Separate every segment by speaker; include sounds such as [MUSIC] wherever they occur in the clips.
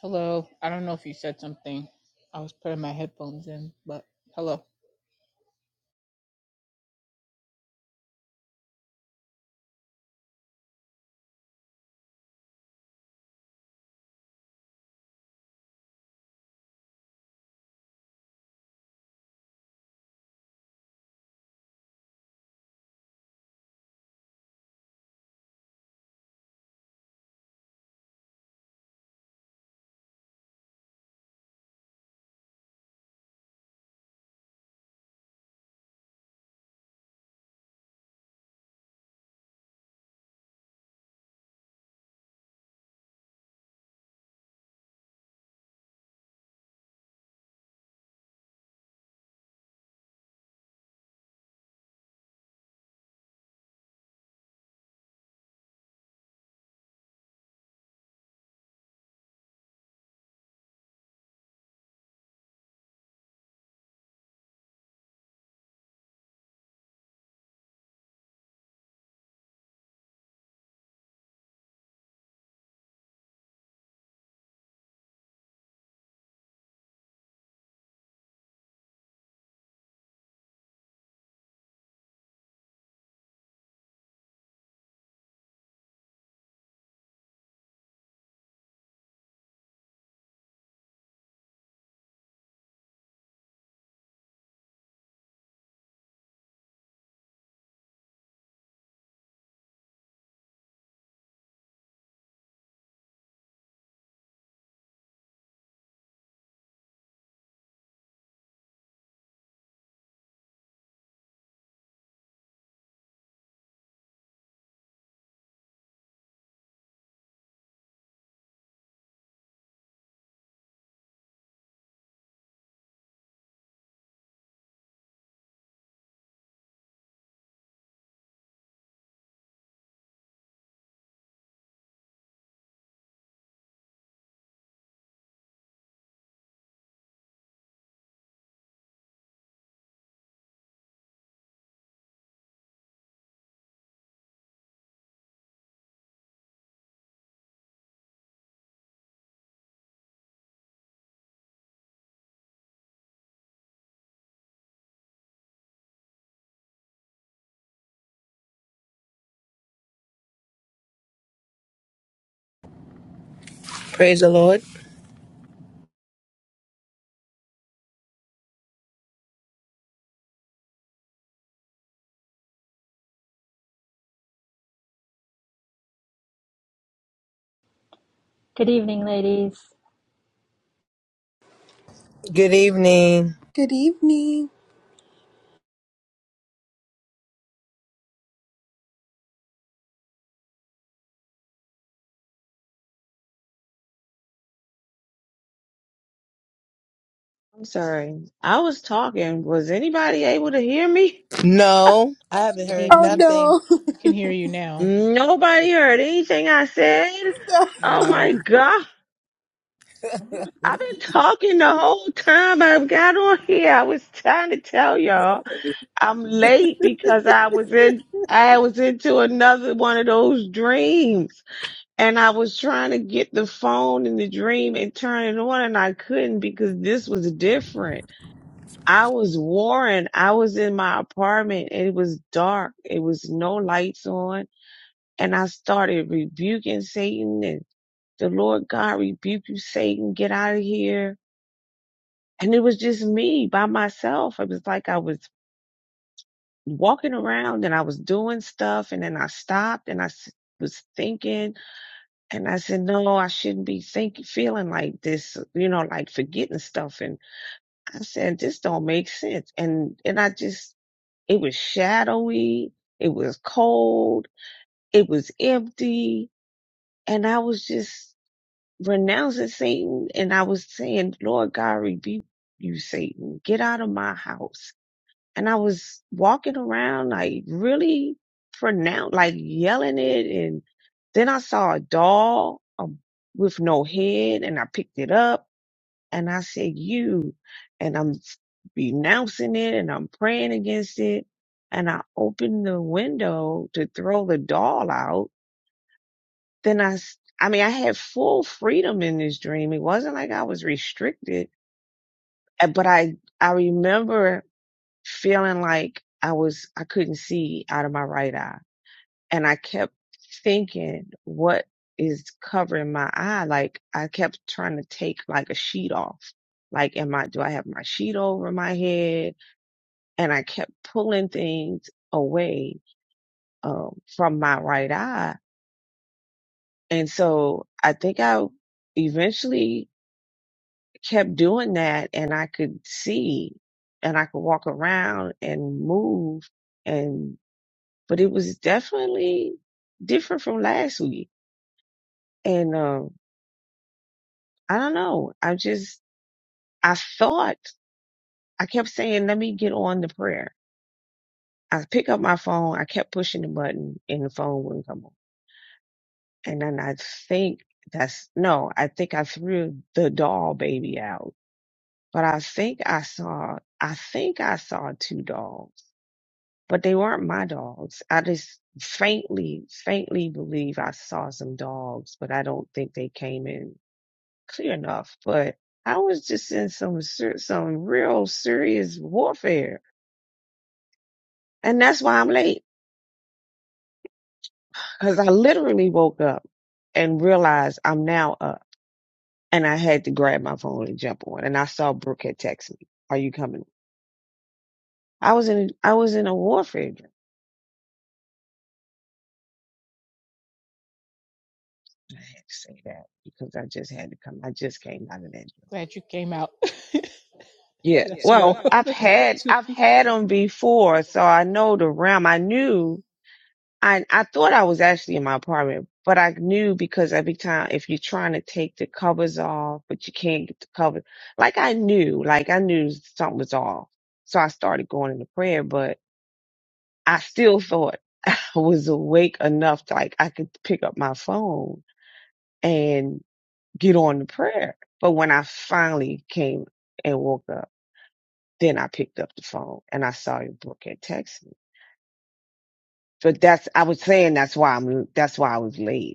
Speaker 1: Hello. I don't know if you said something. I was putting my headphones in, but hello.
Speaker 2: Praise the Lord.
Speaker 3: Good evening, ladies.
Speaker 2: Good evening.
Speaker 4: Good evening.
Speaker 5: I'm sorry. I was talking. Was anybody able to hear me?
Speaker 2: No, I haven't
Speaker 1: Good
Speaker 2: heard
Speaker 4: Oh
Speaker 1: evening.
Speaker 2: nothing.
Speaker 4: no.
Speaker 1: Can hear you now.
Speaker 5: Nobody heard anything I said.
Speaker 4: [LAUGHS]
Speaker 5: Oh my
Speaker 1: No.
Speaker 5: God. I've been talking the whole time I've got on here. I was trying to tell y'all I'm late because I was in, I was into another one of those dreams and I was trying to get the phone in the dream and turn it on and I couldn't because this was different. I was warring. I was in my apartment. It was dark. It was no lights on. And I started rebuking Satan and the Lord God rebuked you, Satan. Get out of here. And it was just me by myself. It was like I was walking around and I was doing stuff and then I stopped and I s- was thinking and I said, no, I shouldn't be thinking, feeling like this, you know, like forgetting stuff. And I said, this don't make sense. And, and I just It was shadowy. It was cold. It was empty. And I was just renouncing Satan. And I was saying, Lord God, rebuke you, Satan. Get out of my house. And I was walking around like really pronounced, like yelling it. And then I saw a doll um, with no head and I picked it up and I said, you, and I'm renouncing it and I'm praying against it. And I opened the window to throw the doll out. Then I, s- I mean, I had full freedom in this dream. It wasn't like I was restricted, Uh, but I, I remember feeling like I was, I couldn't see out of my right eye and I kept thinking, what is covering my eye? Like I kept trying to take like a sheet off. Like, am I, do I have my sheet over my head? And I kept pulling things away, um, from my right eye. And so I think I eventually kept doing that and I could see and I could walk around and move and, but it was definitely different from last week. And, um, I don't know. I just, I thought, I kept saying, let me get on the prayer. I pick up my phone. I kept pushing the button and the phone wouldn't come on. And then I think that's, no, I think I threw the doll baby out, but I think I saw, I think I saw two dolls, but they weren't my dogs. I just faintly, faintly believe I saw some dogs, but I don't think they came in clear enough, but I was just in some ser- some real serious warfare, and that's why I'm late because I literally woke up and realized I'm now up, and I had to grab my phone and jump on, and I saw Brooke had texted me, "Are you coming?" I was in I was in a warfare dream. I had to say that because I just had to come. I just came out of that dream.
Speaker 1: Glad you came out. [LAUGHS] That's
Speaker 5: Yeah.
Speaker 1: Yeah,
Speaker 5: Well,
Speaker 1: rough. well-
Speaker 5: I've
Speaker 1: [LAUGHS]
Speaker 5: had
Speaker 1: Too-
Speaker 5: I've had them before, so I know the realm. I knew I I thought I was actually in my apartment, but I knew because every time if you're trying to take the covers off, but you can't get the cover, like I knew, like I knew something was off. So I started going into prayer, but I still [LAUGHS] thought I was awake enough to like I could pick up my phone and get on the prayer. But when I finally came and woke up, then I picked up the phone and I saw your book had texted me. But that's I was saying that's why I'm that's why I was late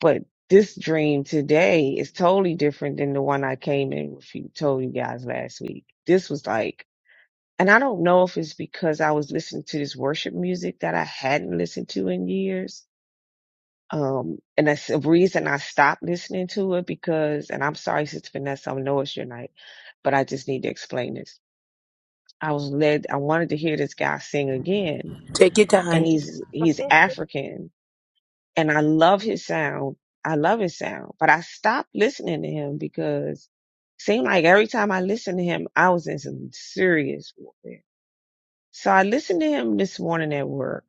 Speaker 5: But this dream today is totally different than the one I came in with you told you guys last week. This was like, and I don't know if it's because I was listening to this worship music that I hadn't listened to in years. Um, and that's the reason I stopped listening to it because, and I'm sorry, Sister Vanessa, I know it's your night, but I just need to explain this. I was led, I wanted to hear this guy sing again
Speaker 2: Take your
Speaker 5: and
Speaker 2: time.
Speaker 5: he's, he's African and I love his sound. I love his sound, but I stopped listening to him because it seemed like every time I listened to him, I was in some serious warfare. So I listened to him this morning at work,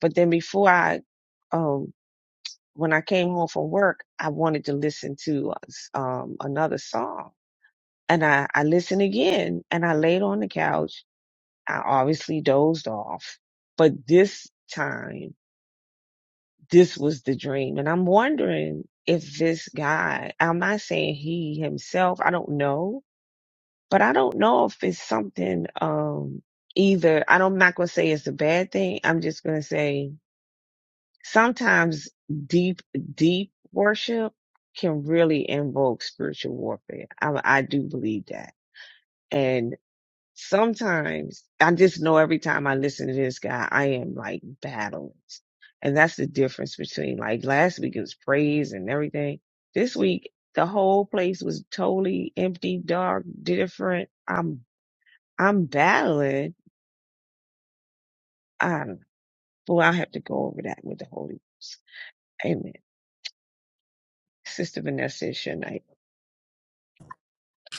Speaker 5: but then before I, um, when I came home from work, I wanted to listen to um another song, and I I listened again, and I laid on the couch. I obviously dozed off, but this time. this was the dream. And I'm wondering if this guy, I'm not saying he himself, I don't know, but I don't know if it's something, um, either I don't, I'm not going to say it's a bad thing. I'm just going to say sometimes deep, deep worship can really invoke spiritual warfare. I, I do believe that. and sometimes I just know every time I listen to this guy, I am like battling. And that's the difference between like last week it was praise and everything. This week the whole place was totally empty, dark, different. I'm I'm battling. I don't know. Well, I have to go over that with the Holy Ghost. Amen. Sister Vanessa is your night.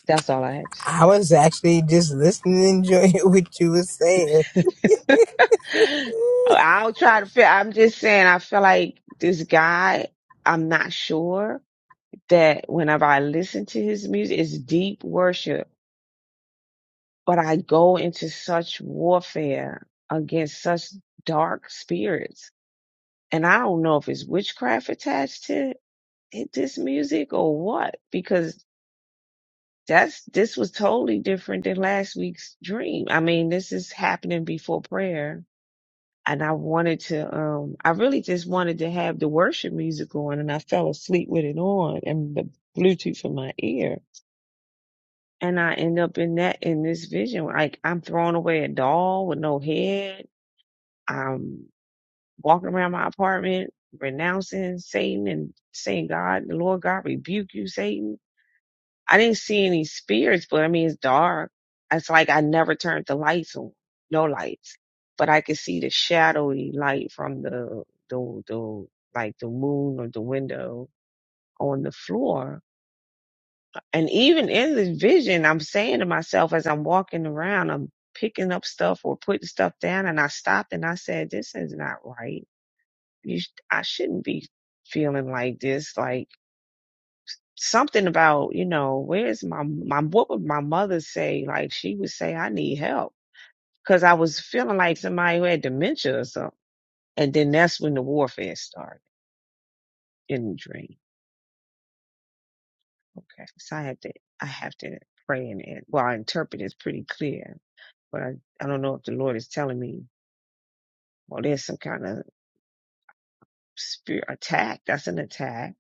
Speaker 5: That's all I
Speaker 2: I was actually just listening enjoying [LAUGHS] what you were saying.
Speaker 5: have to say. [LAUGHS] I'll try to feel I'm just saying I feel like this guy, I'm not sure that whenever I listen to his music, it's deep worship, but I go into such warfare against such dark spirits. And I don't know if it's witchcraft attached to it- this music or what, because that's, this was totally different than last week's dream. I mean, this is happening before prayer. And I wanted to, um, I really just wanted to have the worship music on and I fell asleep with it on and the Bluetooth in my ear and I end up in that in this vision. Like I'm throwing away a doll with no head. I'm walking around my apartment renouncing Satan and saying, God, the Lord God rebuke you, Satan. I didn't see any spirits, but I mean it's dark. It's like I never turned the lights on. No lights. But I could see the shadowy light from the the the like the moon or the window on the floor And even in this vision, I'm saying to myself as I'm walking around, I'm picking up stuff or putting stuff down. And I stopped and I said, this is not right. You, sh- I shouldn't be feeling like this. Like something about, you know, where's my, my, what would my mother say? Like she would say, I need help. Cause I was feeling like somebody who had dementia or something. And then that's when the warfare started in the dream. Okay. So I have to, I have to pray and, and well, I interpret it's pretty clear but I, I don't know if the Lord is telling me, well, there's some kind of spirit attack. That's an attack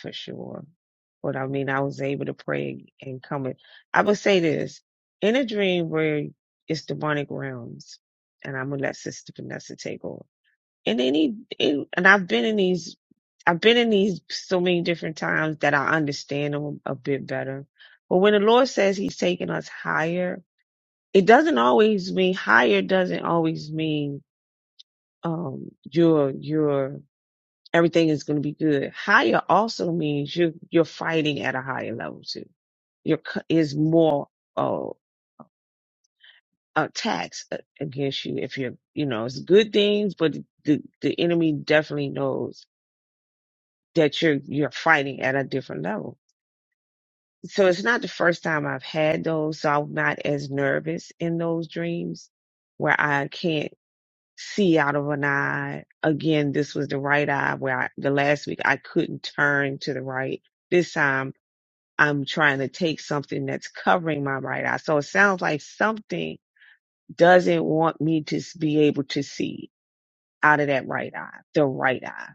Speaker 5: for sure. But I mean, I was able to pray and come in. I would say this in a dream where it's demonic realms, and I'm gonna let Sister Vanessa take over. And any, in- and I've been in these, I've been in these so many different times that I understand them a bit better. But when the Lord says He's taking us higher, it doesn't always mean higher. Doesn't always mean um your your everything is going to be good higher also means you are you're fighting at a higher level too your c- is more uh attacks a- against you if you're you know it's good things but the the enemy definitely knows that you're you're fighting at a different level so it's not the first time i've had those so i'm not as nervous in those dreams where i can't see out of an eye. Again, this was the right eye where I, the last week I couldn't turn to the right. This time I'm trying to take something that's covering my right eye. So it sounds like something doesn't want me to s- be able to see out of that right eye, the right eye.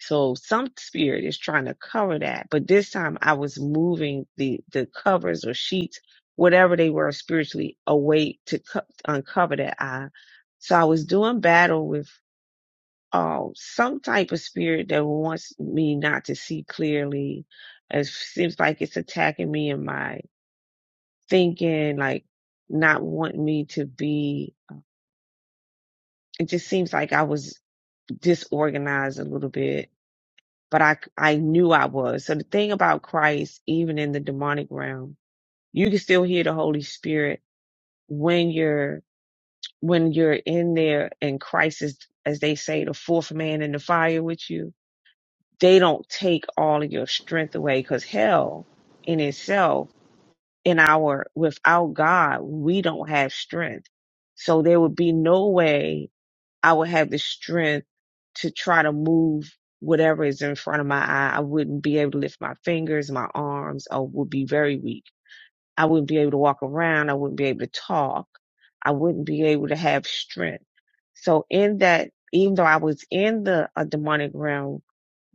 Speaker 5: So some spirit is trying to cover that, but this time I was moving the, the covers or sheets, whatever they were spiritually away to co- uncover that eye. So I was doing battle with um, some type of spirit that wants me not to see clearly. It seems like it's attacking me in my thinking, like not wanting me to be. It just seems like I was disorganized a little bit, but I I knew I was. So the thing about Christ, even in the demonic realm, you can still hear the Holy Spirit when you're when you're in there, and Christ is, as they say, the fourth man in the fire with you they don't take all of your strength away because hell in itself in our without god we don't have strength so there would be no way i would have the strength to try to move whatever is in front of my eye i wouldn't be able to lift my fingers my arms i would be very weak i wouldn't be able to walk around i wouldn't be able to talk i wouldn't be able to have strength so in that even though i was in the a demonic realm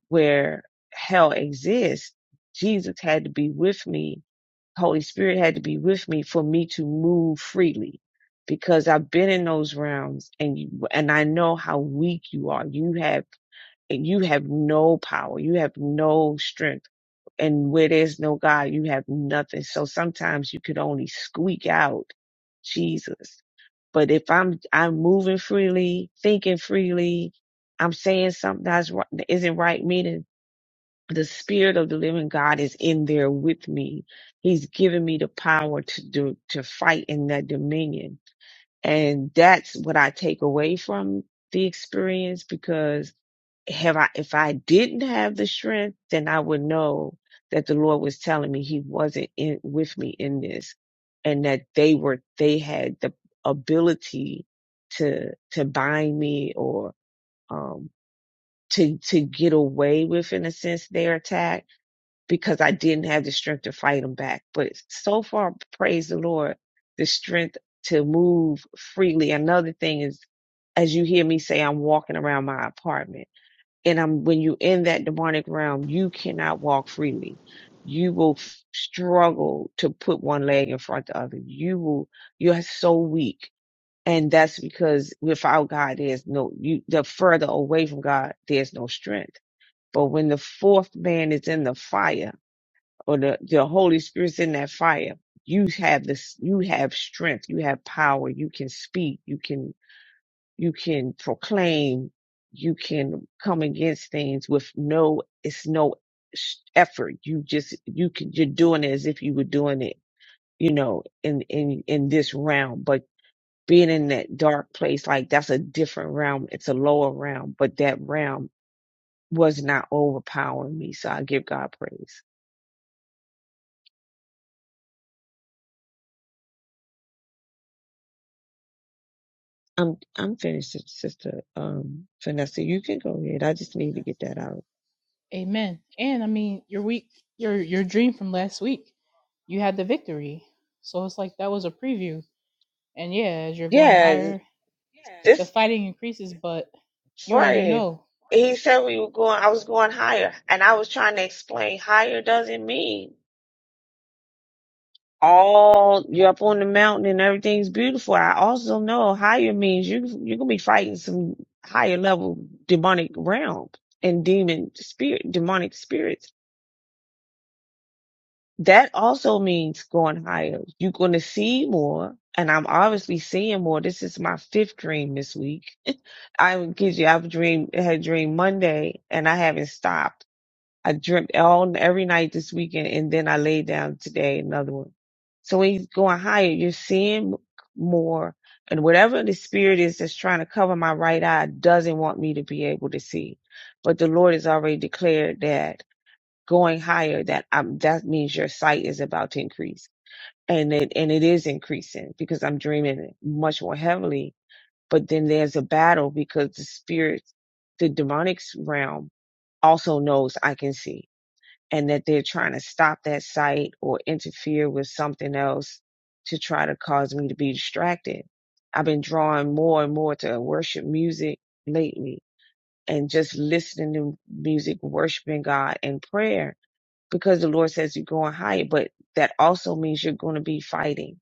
Speaker 5: where hell exists, Jesus had to be with me. Holy Spirit had to be with me for me to move freely because I've been in those realms and you, and I know how weak you are. You have you have no power. You have no strength. And where there's no God, you have nothing. So sometimes you could only squeak out Jesus. But if I'm I'm moving freely, thinking freely, I'm saying something that's ri- that isn't right Meaning the spirit of the living God is in there with me. He's given me the power to do, to fight in that dominion. And that's what I take away from the experience because have I, if I didn't have the strength, then I would know that the Lord was telling me he wasn't in with me in this and that they were, they had the ability to, to bind me or, um, to, to get away with in a sense their attack because I didn't have the strength to fight them back. But so far, praise the Lord, the strength to move freely. Another thing is, as you hear me say, I'm walking around my apartment and I'm, when you're in that demonic realm, you cannot walk freely. You will f- struggle to put one leg in front of the other. You will, you're so weak. And that's because without God, there's no, you, the further away from God, there's no strength. But when the fourth man is in the fire, or the, the Holy Spirit's in that fire, you have this, you have strength, you have power, you can speak, you can, you can proclaim, you can come against things with no, it's no s- effort. You just, you can, you're doing it as if you were doing it, you know, in, in, in this realm, but being in that dark place, like that's a different realm. It's a lower realm, but that realm was not overpowering me. So I give God praise. I'm I'm finished, sister. Um, Vanessa, you can go ahead. I just need to get that out.
Speaker 1: Amen. And I mean, your week, your your dream from last week, you had the victory. So it's like that was a preview. And yeah, as you're going
Speaker 5: Yeah,
Speaker 1: higher, the
Speaker 5: this
Speaker 1: fighting increases, but you already
Speaker 5: right.
Speaker 1: know.
Speaker 5: He said we were going, I was going higher, and I was trying to explain higher doesn't mean all you're up on the mountain and everything's beautiful. I also know higher means you you're gonna be fighting some higher level demonic realm and demon spirit, demonic spirits. that also means going higher. You're going to see more, and I'm obviously seeing more. This is my fifth dream this week. I would kid you, I've dreamed, I had a dream Monday, and I haven't stopped. I dreamt all every night this weekend, and then I laid down today another one. So when you're going higher, you're seeing more, and whatever the spirit is that's trying to cover my right eye doesn't want me to be able to see. But the Lord has already declared that going higher, that I'm, that means your sight is about to increase. And it, and it is increasing because I'm dreaming much more heavily. But then there's a battle because the spirit, the demonic realm also knows I can see and that they're trying to stop that sight or interfere with something else to try to cause me to be distracted. I've been drawing more and more to worship music lately and just listening to music, worshiping God and prayer because the Lord says you're going higher, but that also means you're going to be fighting.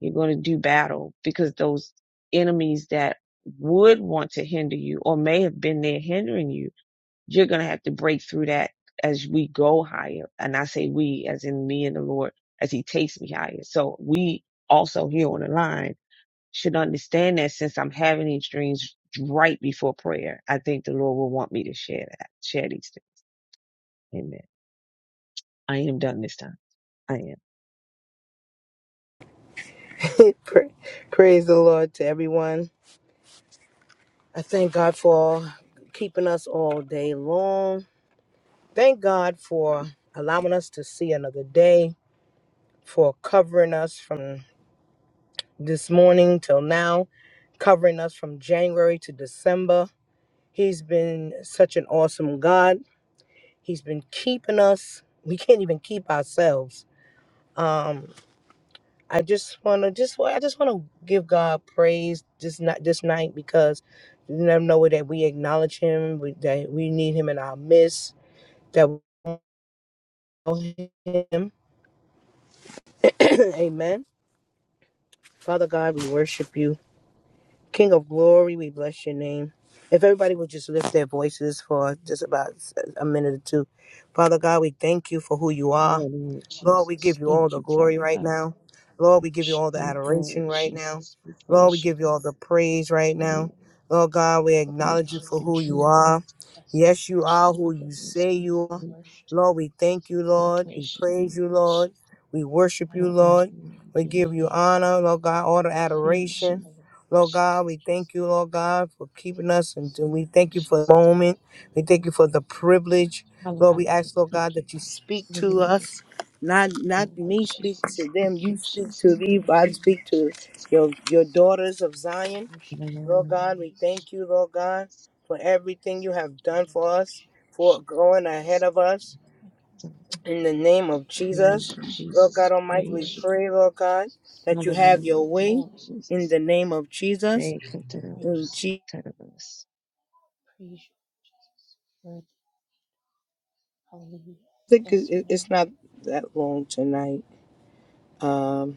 Speaker 5: You're going to do battle because those enemies that would want to hinder you or may have been there hindering you, you're going to have to break through that as we go higher. And I say we as in me and the Lord as he takes me higher. So we also here on the line should understand that since I'm having these dreams right before prayer, I think the Lord will want me to share that, share these things. Amen. I am done this time. I am.
Speaker 2: [LAUGHS] Pra- Praise the Lord to everyone. I thank God for keeping us all day long. Thank God for allowing us to see another day, for covering us from this morning till now, covering us from January to December. He's been such an awesome God. He's been keeping us. We can't even keep ourselves. Um, I just wanna just well, I just wanna give God praise this night this night because you never know that we acknowledge Him, we, that we need Him in our midst, that we know Him. [COUGHS] [CLEARS THROAT] Amen. Father God, we worship you, King of Glory. We bless your name. If everybody would just lift their voices for just about a minute or two, Father God, we thank you for who you are.
Speaker 5: Hallelujah,
Speaker 2: Lord, we give
Speaker 5: Jesus.
Speaker 2: you all
Speaker 5: Thank
Speaker 2: the
Speaker 5: you,
Speaker 2: glory
Speaker 5: Father
Speaker 2: right
Speaker 5: God.
Speaker 2: now. Lord, we give you
Speaker 5: Thank
Speaker 2: all the
Speaker 5: you, Lord
Speaker 2: adoration right now.
Speaker 5: Jesus, we
Speaker 2: Lord, we
Speaker 5: praise you.
Speaker 2: give you
Speaker 5: God.
Speaker 2: all the praise right now.
Speaker 5: Holy,
Speaker 2: Lord God, we
Speaker 5: holy,
Speaker 2: acknowledge you for
Speaker 1: Hallelujah.
Speaker 5: and
Speaker 2: who you
Speaker 5: true,
Speaker 2: are.
Speaker 1: Bless
Speaker 2: Yes,
Speaker 1: your name.
Speaker 2: you are
Speaker 5: true
Speaker 2: who
Speaker 5: Lord,
Speaker 2: you
Speaker 5: yes,
Speaker 2: say
Speaker 5: God.
Speaker 2: you are.
Speaker 1: We
Speaker 5: we,
Speaker 1: worship
Speaker 2: Lord, we thank you,
Speaker 1: Jesus.
Speaker 5: we
Speaker 2: Lord. We
Speaker 5: praise you.
Speaker 1: Okay.
Speaker 5: We
Speaker 2: praise you, Lord.
Speaker 5: worship
Speaker 2: We worship
Speaker 1: Thank
Speaker 2: you,
Speaker 1: you.
Speaker 5: and
Speaker 2: Lord.
Speaker 5: we
Speaker 2: We
Speaker 1: We
Speaker 5: give you
Speaker 2: give
Speaker 1: worship.
Speaker 2: you
Speaker 5: glory.
Speaker 2: honor, Lord God, all the
Speaker 5: We
Speaker 1: Good God,
Speaker 5: praise you,
Speaker 2: adoration.
Speaker 1: holy God,
Speaker 2: Lord God,
Speaker 5: Jesus,
Speaker 2: we
Speaker 1: righteous
Speaker 2: thank you,
Speaker 1: God,
Speaker 2: Lord God, for keeping us. And
Speaker 1: soon
Speaker 2: we
Speaker 1: coming
Speaker 2: thank you for
Speaker 1: King.
Speaker 2: the
Speaker 5: Jesus.
Speaker 2: moment. We thank you for
Speaker 1: Thank
Speaker 2: the
Speaker 1: you,
Speaker 2: privilege. Lord, we
Speaker 5: Hallelujah.
Speaker 2: ask, Lord
Speaker 5: Thank
Speaker 2: God,
Speaker 5: you,
Speaker 2: that you
Speaker 5: God.
Speaker 2: speak
Speaker 1: Jesus.
Speaker 2: to
Speaker 5: Hallelujah.
Speaker 2: us. Not not
Speaker 5: Oh,
Speaker 1: Oh,
Speaker 5: Lord
Speaker 2: me speak
Speaker 1: Lord
Speaker 2: to
Speaker 5: Jesus.
Speaker 1: Jesus.
Speaker 5: Thank
Speaker 2: them.
Speaker 5: you,
Speaker 2: You speak to
Speaker 5: Jesus.
Speaker 2: me.
Speaker 5: Thank
Speaker 2: I
Speaker 1: Praise
Speaker 5: you,
Speaker 1: you,
Speaker 2: speak to
Speaker 5: Jesus.
Speaker 2: your your
Speaker 1: Jesus.
Speaker 2: daughters of Zion.
Speaker 5: In
Speaker 1: Worship
Speaker 5: the name
Speaker 1: you,
Speaker 5: of
Speaker 2: Lord
Speaker 1: Lord
Speaker 2: God, we
Speaker 1: Jesus.
Speaker 2: thank
Speaker 1: Thank
Speaker 2: you, Lord
Speaker 1: you,
Speaker 2: God, for everything you
Speaker 1: goodness.
Speaker 2: have
Speaker 1: We
Speaker 2: done for us,
Speaker 1: worship
Speaker 2: for
Speaker 5: Jesus.
Speaker 2: going
Speaker 1: Jesus.
Speaker 2: ahead of us.
Speaker 1: Thank you,
Speaker 2: In the name
Speaker 1: Lord.
Speaker 2: of Jesus,
Speaker 5: Praise you,
Speaker 2: Lord God
Speaker 5: Jesus.
Speaker 1: We
Speaker 2: Almighty, we
Speaker 5: Praise you,
Speaker 1: worship
Speaker 5: God.
Speaker 2: pray, Lord God,
Speaker 1: Jesus.
Speaker 2: that you have
Speaker 5: Hallelujah.
Speaker 2: your
Speaker 5: Thank
Speaker 2: way.
Speaker 5: you,
Speaker 1: Holy,
Speaker 2: In the
Speaker 5: Jesus.
Speaker 2: name of Jesus,
Speaker 5: Hey, come to the
Speaker 2: in
Speaker 1: righteous,
Speaker 5: us.
Speaker 2: Jesus,
Speaker 5: Come to the us.
Speaker 1: praise you, Jesus. Worthy, hallelujah. Bless your name.
Speaker 2: it's not that long tonight. Um,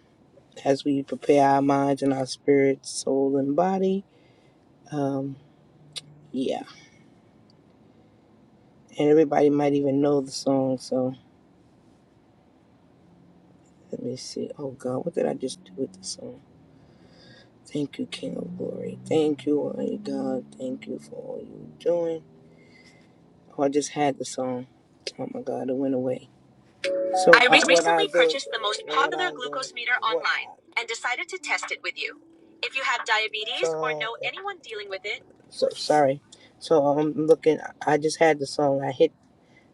Speaker 2: as we prepare our minds and our spirit, soul and body. Um, yeah. And everybody might even know the song. So let me see. Oh God, what did I just do with the song? Thank you, King of Glory. Thank you, Almighty God. Thank you for all you're doing. Oh, I just had the song. Oh my God, it went away. So I re- uh, recently I purchased the most popular glucose meter online and decided to test it with you. If you have diabetes so, or So- know anyone dealing with it, so sorry. So I'm um, looking. I just had the song. I hit.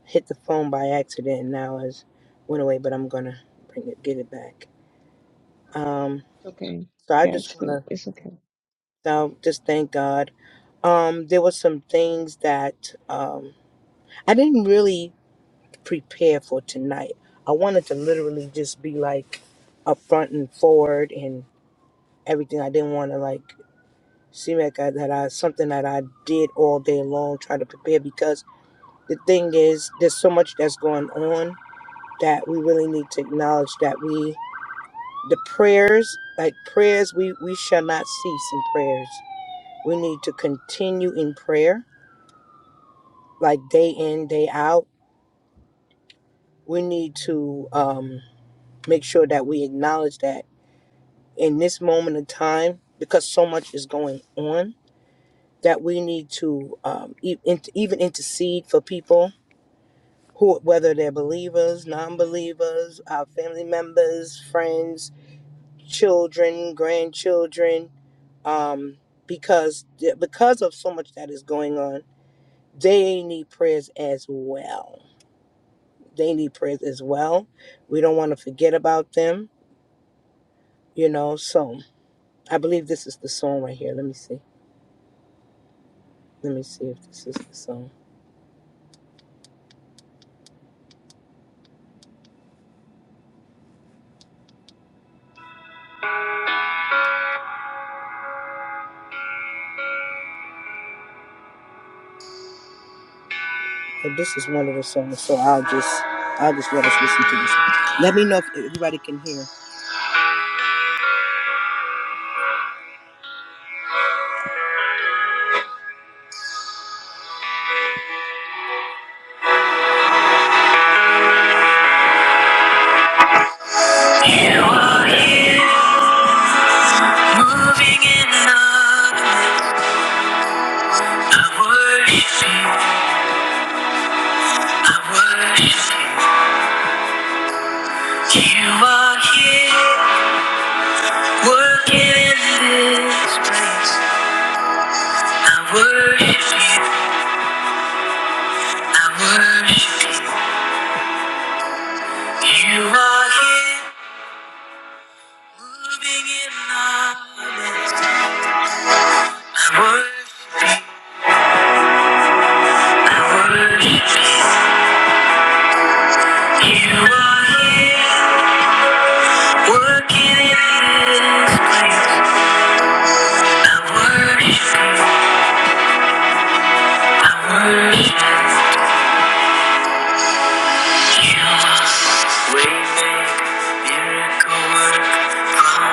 Speaker 2: hit the phone by accident and now it's went away, but I'm gonna bring it get it back. Um
Speaker 5: It's okay.
Speaker 2: so I
Speaker 5: Yeah, it's
Speaker 2: just
Speaker 5: good.
Speaker 2: wanna
Speaker 5: It's okay.
Speaker 2: um, just thank God. Um there was some things that um I didn't really prepare for tonight. I wanted to literally just be like upfront and forward and everything. I didn't wanna like seem like I, that I something that I did all day long trying to prepare because the thing is there's so much that's going on that we really need to acknowledge that we the prayers like prayers we we shall not cease in prayers we need to continue in prayer like day in day out we need to um make sure that we acknowledge that in this moment of time because so much is going on that we need to um, e- in, even intercede for people who whether they're believers non-believers our family members friends children grandchildren um, because because of so much that is going on, they need prayers as well. They need prayers as well. We don't want to forget about them, you know. So I believe this is the song right here. Let me see. Let me see if this is the song. If this is one of the songs, so I'll just I'll just let us listen to this. Let me know if everybody can hear. You are Moving in love, I worship you. I worship you. You are here. Working in this place, I worship you, I worship you. You are here, moving in our midst. I worship you, I worship you. You are here, working in this place. I worship you, I worship you. Touching every heart, I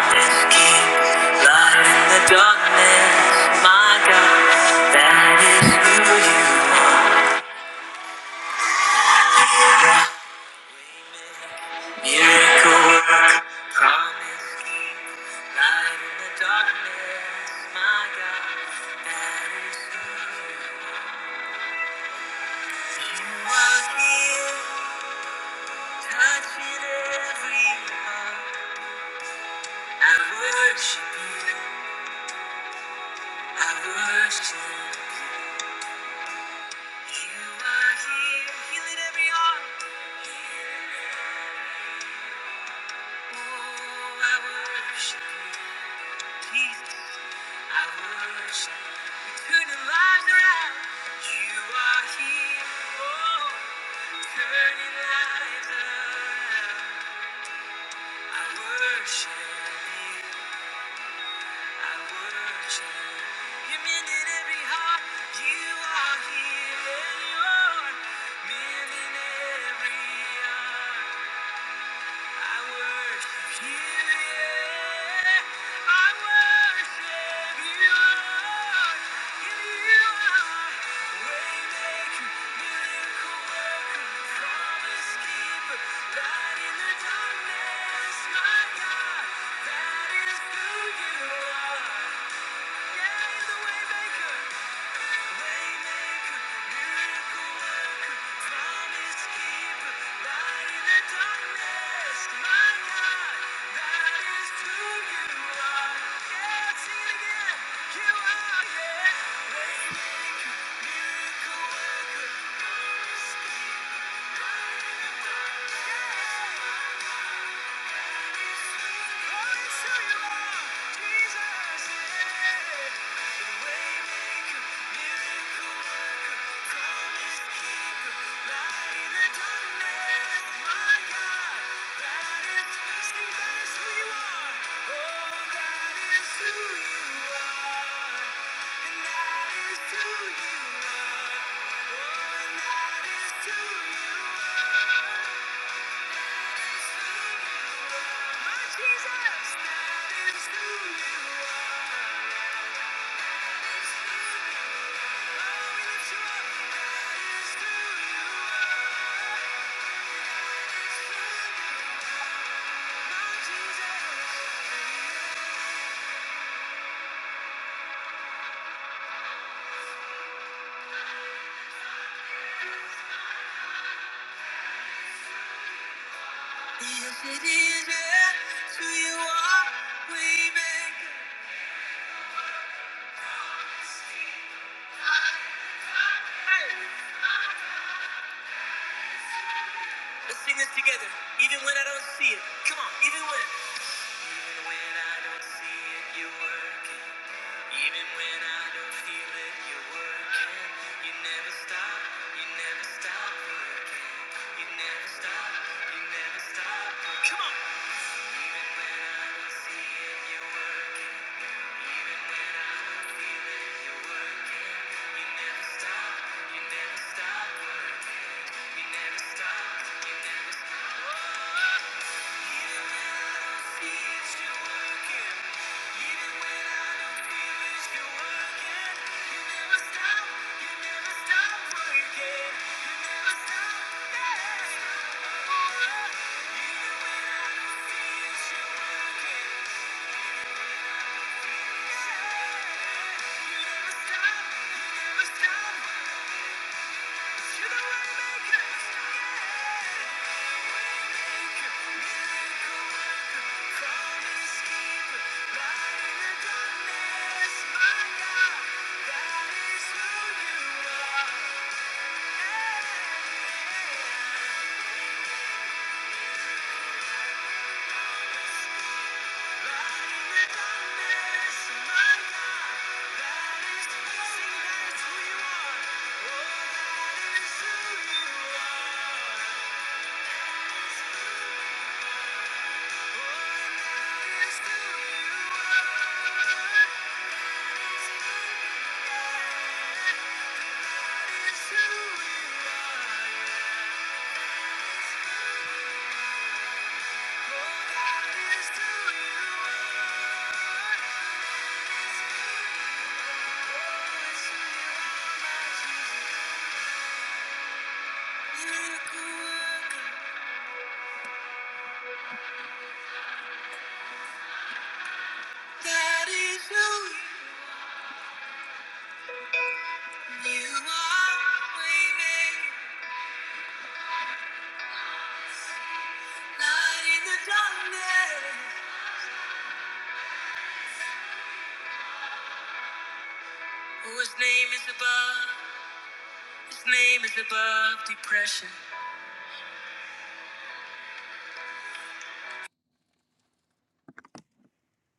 Speaker 2: worship you, I worship you. You are here, healing every heart. Oh, I worship you, Jesus. I worship you, turning lives around. You are here, oh, turning lives around. I worship you. Light in the darkness, my God, that is who you are. Yeah. That is who you are. Yes, it is. Yes, who you are, we make. Let's sing this together. Even when I don't see it. Come on, even when. Even when I don't see it, you're working. Even when I don't feel it, you're working. You never stop, you never stop working. You never stop, you never stop. working. Come on. Even when I don't see it, you're working. Yeah. Yeah. That is who we are.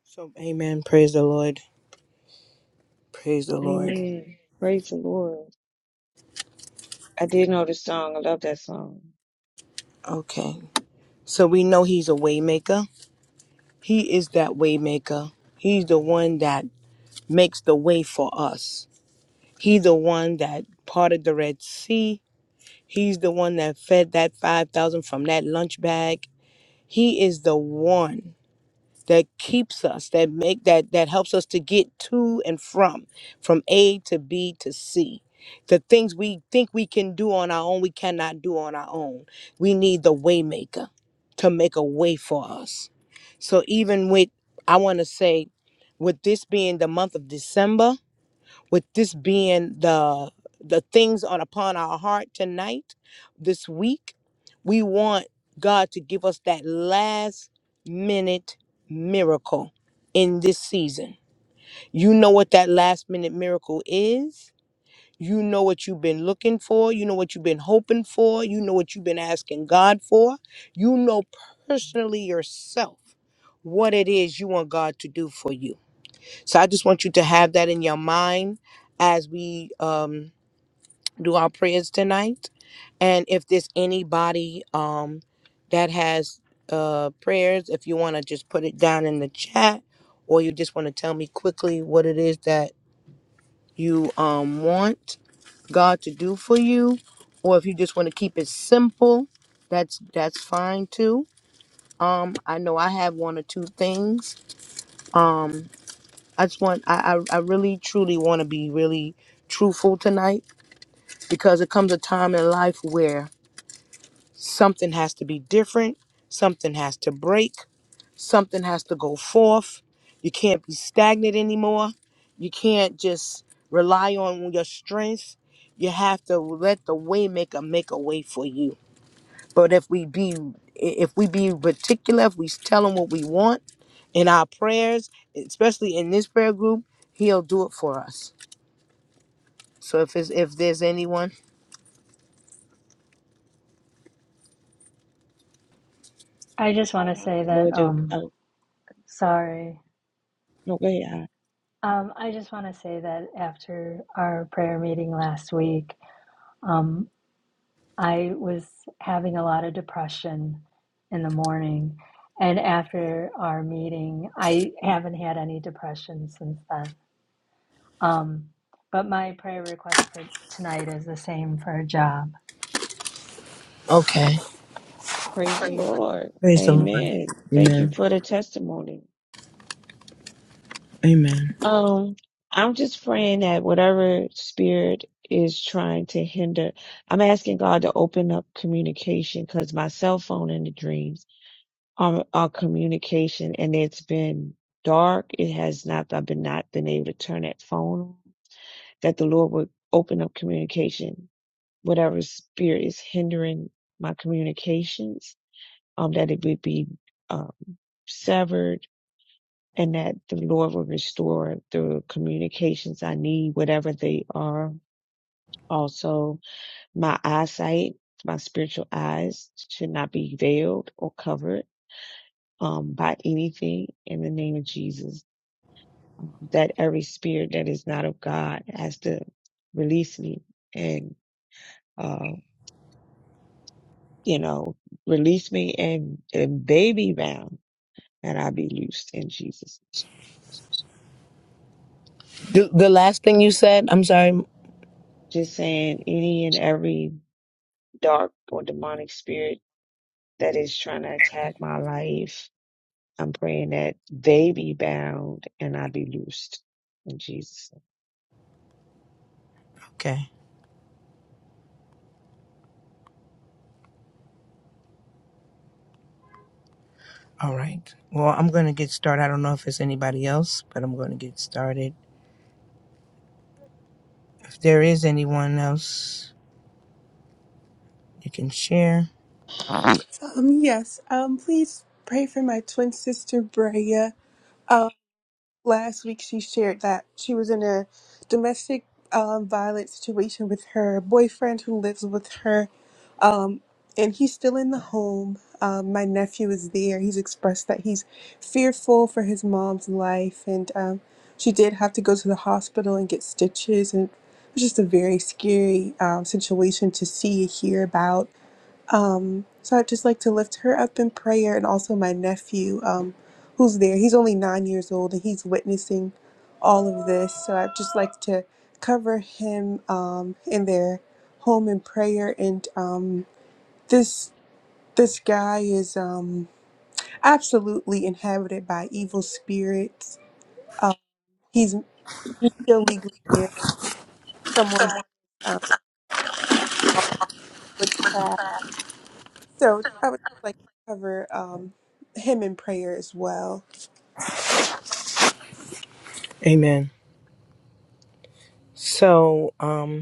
Speaker 2: So, amen. Praise the Lord. Praise the Lord.
Speaker 5: Amen. Praise the Lord. I did know this song. I love that song.
Speaker 2: Okay. So we know he's a waymaker. He is that way maker. He's the one that makes the way for us. He's the one that parted the Red Sea. He's the one that fed that 5,000 from that lunch bag. He is the one that keeps us that make that that helps us to get to and from from a to b to c the things we think we can do on our own we cannot do on our own we need the waymaker to make a way for us so even with i want to say with this being the month of december with this being the the things on upon our heart tonight this week we want god to give us that last minute miracle in this season you know what that last minute miracle is you know what you've been looking for you know what you've been hoping for you know what you've been asking god for you know personally yourself what it is you want god to do for you so I just want you to have that in your mind as we um, do our prayers tonight. And if there's anybody um, that has uh, prayers, if you want to just put it down in the chat or you just want to tell me quickly what it is that you um, want God to do for you, or if you just want to keep it simple, that's that's fine too. Um, I know I have one or two things. Um, I just want I I, I really truly want to be really truthful tonight because it comes a time in life where something has to be different, something has to break, something has to go forth. You can't be stagnant anymore. You can't just rely on your strengths. You have to let the waymaker make a way for you. But if we be if we be particular, if we tell him what we want in our prayers, especially in this prayer group, he'll do it for us. So if it's, if there's anyone,
Speaker 3: I just
Speaker 5: I
Speaker 3: want to
Speaker 5: want
Speaker 3: say
Speaker 5: the
Speaker 3: that,
Speaker 5: Lord to,
Speaker 3: um,
Speaker 5: oh,
Speaker 3: sorry.
Speaker 5: no, go ahead. I-
Speaker 3: Um, I just want to say that after our prayer meeting last week, um, I was having a lot of depression in the morning. And after our meeting, I haven't had any depression since then. Um, but my prayer request for tonight is the same for a job.
Speaker 2: okay.
Speaker 5: Praise the
Speaker 1: Hallelujah.
Speaker 5: Lord.
Speaker 2: Praise the Lord.
Speaker 5: Amen. Thank you
Speaker 2: Amen.
Speaker 5: for the testimony.
Speaker 2: Amen.
Speaker 5: Um, I'm just praying that whatever spirit is trying to hinder, I'm asking God to open up communication because my cell phone in the dreams. our, our communication and it's been dark. It has not, I've been not been able to turn that phone on, that the Lord would open up communication. Whatever spirit is hindering my communications, um, that it would be, um, severed and that the Lord will restore the communications I need, whatever they are. Also, my eyesight, my spiritual eyes should not be veiled or covered um, by anything in the name of Jesus. Um, that every spirit that is not of God has to release me and, uh, you know, release me and, and baby bound and I be loosed in Jesus.
Speaker 2: The, the last thing you said, I'm sorry.
Speaker 5: Just saying any and every dark or demonic spirit that is trying to attack my life, I'm praying that they be bound and I be loosed in Jesus.
Speaker 2: Okay. All right. Well, I'm going to get started. I don't know if it's anybody else, but I'm going to get started. If there is anyone else, you can share.
Speaker 4: um yes. Um please pray for my twin sister Brea. Um, last week she shared that she was in a domestic um, violence situation with her boyfriend who lives with her um, and he's still in the home um, my nephew is there he's expressed that he's fearful for his mom's life and um, she did have to go to the hospital and get stitches and it was just a very scary um, situation to see and hear about um, so I'd just like to lift her up in prayer and also my nephew um, who's there. He's only nine years old and he's witnessing all of this. So I'd just like to cover him um, in their home in prayer. And um, this this guy is um, absolutely inhabited by evil spirits. Um, he's still legally married to someone who um, involved in witchcraft. So I would like to cover um, him in prayer as well.
Speaker 2: Amen. So, um,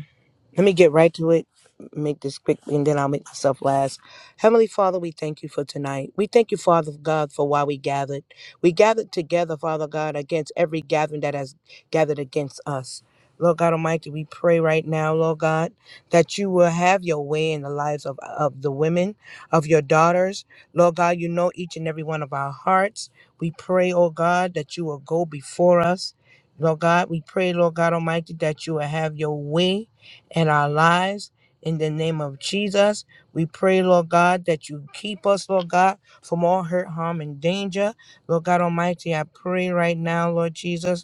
Speaker 2: Let me get right to it, make this quick, and then I'll make myself last. Heavenly Father, we thank you for tonight. We thank you, Father God, for why we gathered. We gathered together, Father God, against every gathering that has gathered against us. Lord God Almighty, we pray right now, Lord God, that you will have your way in the lives of, of the women, of your daughters. Lord God, you know each and every one of our hearts. We pray, oh God, that you will go before us. Lord God, we pray, Lord God Almighty, that you will have your way and our lives. In the name of Jesus, we pray, Lord God, that you keep us, Lord God, from all hurt, harm, and danger. Lord God Almighty, I pray right now, Lord Jesus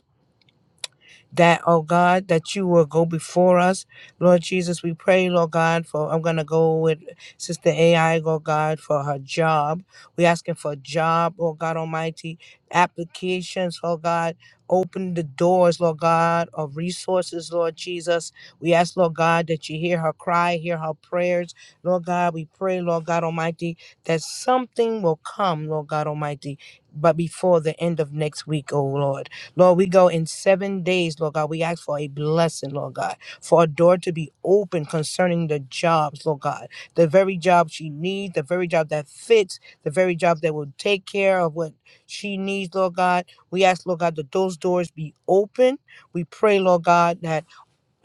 Speaker 2: that, oh God, that you will go before us. Lord Jesus, we pray, Lord God, for I'm gonna go with Sister AI, Lord God, for her job. We asking for a job, Lord God Almighty, applications, Lord God. Open the doors, Lord God, of resources, Lord Jesus. We ask, Lord God, that you hear her cry, hear her prayers. Lord God, we pray, Lord God Almighty, that something will come, Lord God Almighty, but before the end of next week, oh Lord. Lord, we go in seven days, Lord God. We ask for a blessing, Lord God, for a door to be open concerning the jobs, Lord God. The very job she needs, the very job that fits, the very job that will take care of what she needs, Lord God. We ask, Lord God, that those doors be open. We pray, Lord God, that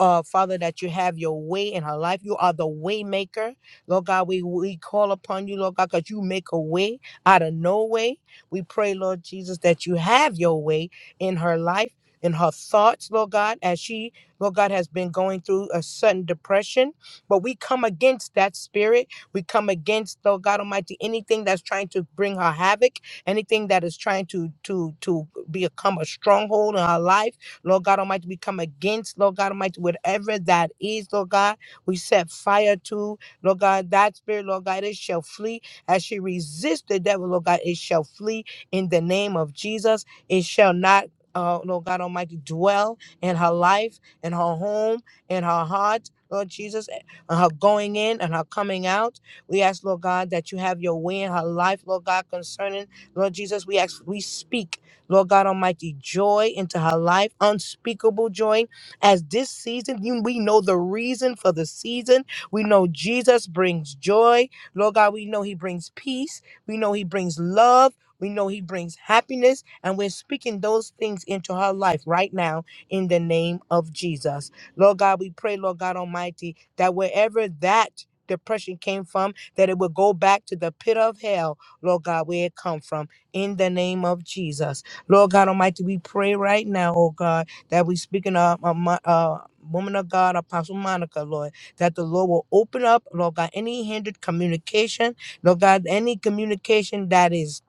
Speaker 2: uh, Father, that you have your way in her life. You are the way maker. Lord God, we, we call upon you, Lord God, because you make a way out of no way. We pray, Lord Jesus, that you have your way in her life, in her thoughts, Lord God, as she, Lord God, has been going through a sudden depression. But we come against that spirit. We come against, Lord God Almighty, anything that's trying to bring her havoc, anything that is trying to to to become a stronghold in her life. Lord God Almighty, we come against, Lord God Almighty, whatever that is, Lord God, we set fire to, Lord God, that spirit, Lord God, it shall flee. As she resists the devil, Lord God, it shall flee in the name of Jesus. It shall not. Uh, Lord God Almighty, dwell in her life, in her home, in her heart, Lord Jesus, and her going in and her coming out. We ask, Lord God, that you have your way in her life, Lord God, concerning, Lord Jesus. We ask, we speak. Lord God Almighty, joy into her life, unspeakable joy. As this season, you- we know the reason for the season. We know Jesus brings joy. Lord God, we know he brings peace. We know he brings love. We know he brings happiness. And we're speaking those things into her life right now in the name of Jesus. Lord God, we pray, Lord God Almighty, that wherever that depression came from, that it will go back to the pit of hell, Lord God, where it come from in the name of Jesus. Lord God Almighty, we pray right now, oh God, that we speaking of uh, mo- uh, woman of God, Apostle Monica, Lord, that the Lord will open up, Lord God, any hindered communication, Lord God, any communication that is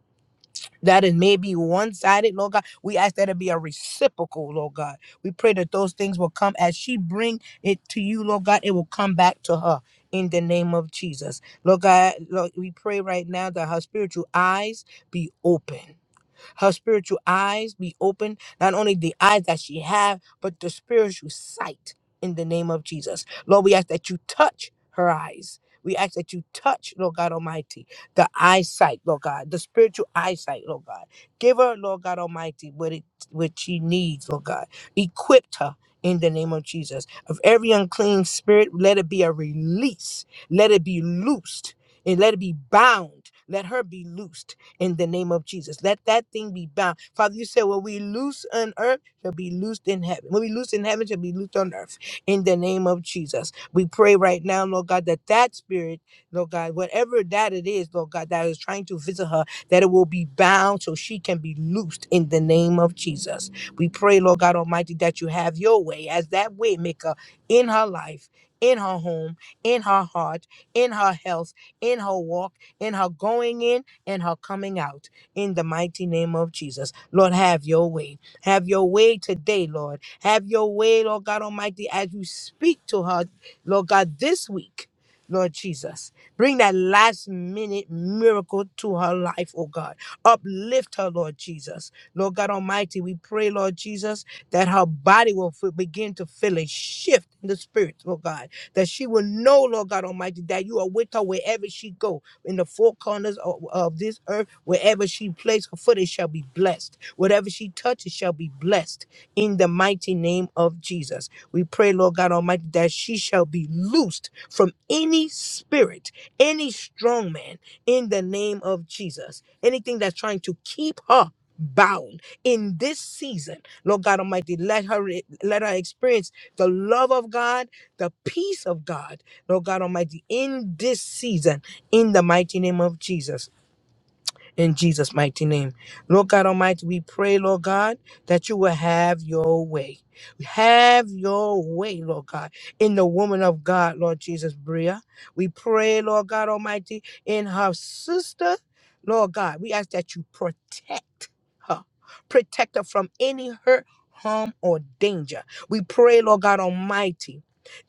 Speaker 2: that is maybe one-sided, Lord God. We ask that it be a reciprocal, Lord God. We pray that those things will come as she bring it to you, Lord God. It will come back to her in the name of Jesus, Lord God. Lord, we pray right now that her spiritual eyes be open her spiritual eyes be open not only the eyes that she have but the spiritual sight in the name of jesus lord we ask that you touch her eyes we ask that you touch, Lord God Almighty, the eyesight, Lord God, the spiritual eyesight, Lord God. Give her, Lord God Almighty, what it what she needs, Lord God. Equipped her in the name of Jesus. Of every unclean spirit, let it be a release. Let it be loosed and let it be bound. Let her be loosed in the name of Jesus. Let that thing be bound. Father, you said, when we loose on earth, shall be loosed in heaven. When we loose in heaven, shall be loosed on earth in the name of Jesus. We pray right now, Lord God, that that spirit Lord God, whatever that it is, Lord God, that is trying to visit her, that it will be bound so she can be loosed in the name of Jesus. We pray, Lord God Almighty, that you have your way as that way maker in her life, in her home, in her heart, in her health, in her walk, in her going in, and her coming out. In the mighty name of Jesus. Lord, have your way. Have your way today, Lord. Have your way, Lord God Almighty, as you speak to her, Lord God, this week. Lord Jesus. Bring that last minute miracle to her life, oh God. Uplift her, Lord Jesus. Lord God Almighty, we pray, Lord Jesus, that her body will f- begin to feel a shift in the spirit, oh God. That she will know, Lord God Almighty, that you are with her wherever she go, in the four corners of, of this earth, wherever she places her foot, it shall be blessed. Whatever she touches shall be blessed in the mighty name of Jesus. We pray, Lord God Almighty, that she shall be loosed from any spirit, any strong man in the name of Jesus. Anything that's trying to keep her bound in this season lord god almighty let her let her experience the love of god the peace of god lord god almighty in this season in the mighty name of jesus in Jesus' mighty name. Lord God Almighty, we pray, Lord God, that you will have your way. Have your way, Lord God, in the woman of God, Lord Jesus, Bria. We pray, Lord God Almighty, in her sister, Lord God. We ask that you protect her, protect her from any hurt. Harm or danger. We pray, Lord God Almighty.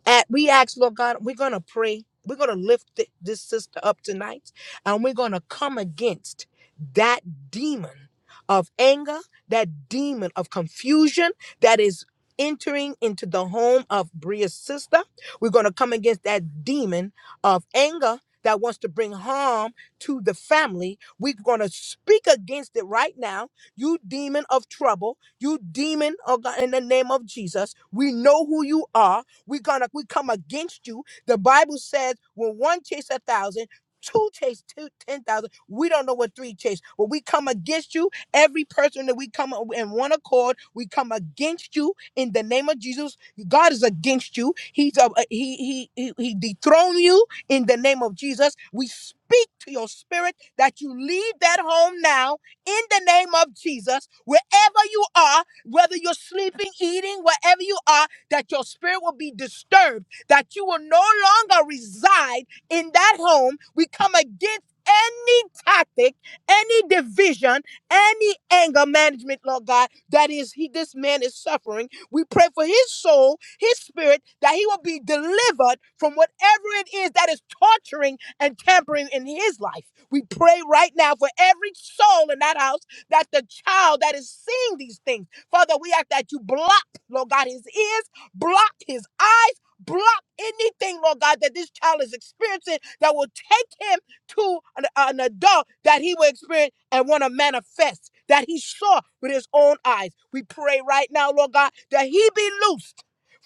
Speaker 2: And we ask, Lord God, we're going to pray. We're going to lift thi- this sister up tonight and we're going to come against that demon of anger, that demon of confusion that is entering into the home of Bria's sister. We're going to come against that demon of anger that wants to bring harm to the family. We're going to speak against it right now. You demon of trouble, you demon of God, in the name of Jesus. We know who you are we're gonna we come against you. The Bible says when one chase a thousand, two chase two ten thousand. We don't know what three chase. When we come against you, every person that we come in one accord, we come against you in the name of Jesus. God is against you. He's uh, he he he he dethrone you in the name of Jesus. We speak to your spirit that you leave that home now in the name of Jesus. Wherever you are, whether you're sleeping, eating, wherever you are, that your spirit will be disturbed, that you will no longer reside in that home. We come against any tactic, any division, any anger management, Lord God, that is he this man is suffering. We pray for his soul, his spirit, that he will be delivered from whatever it is that is torturing and tampering in his life. We pray right now for every soul in that house that the child that is seeing these things, Father, we ask that you block, Lord God, his ears block his eyes, block anything, Lord God, that this child is experiencing that will take him to an, an adult that he will experience and want to manifest that he saw with his own eyes. We pray right now, Lord God, that he be loose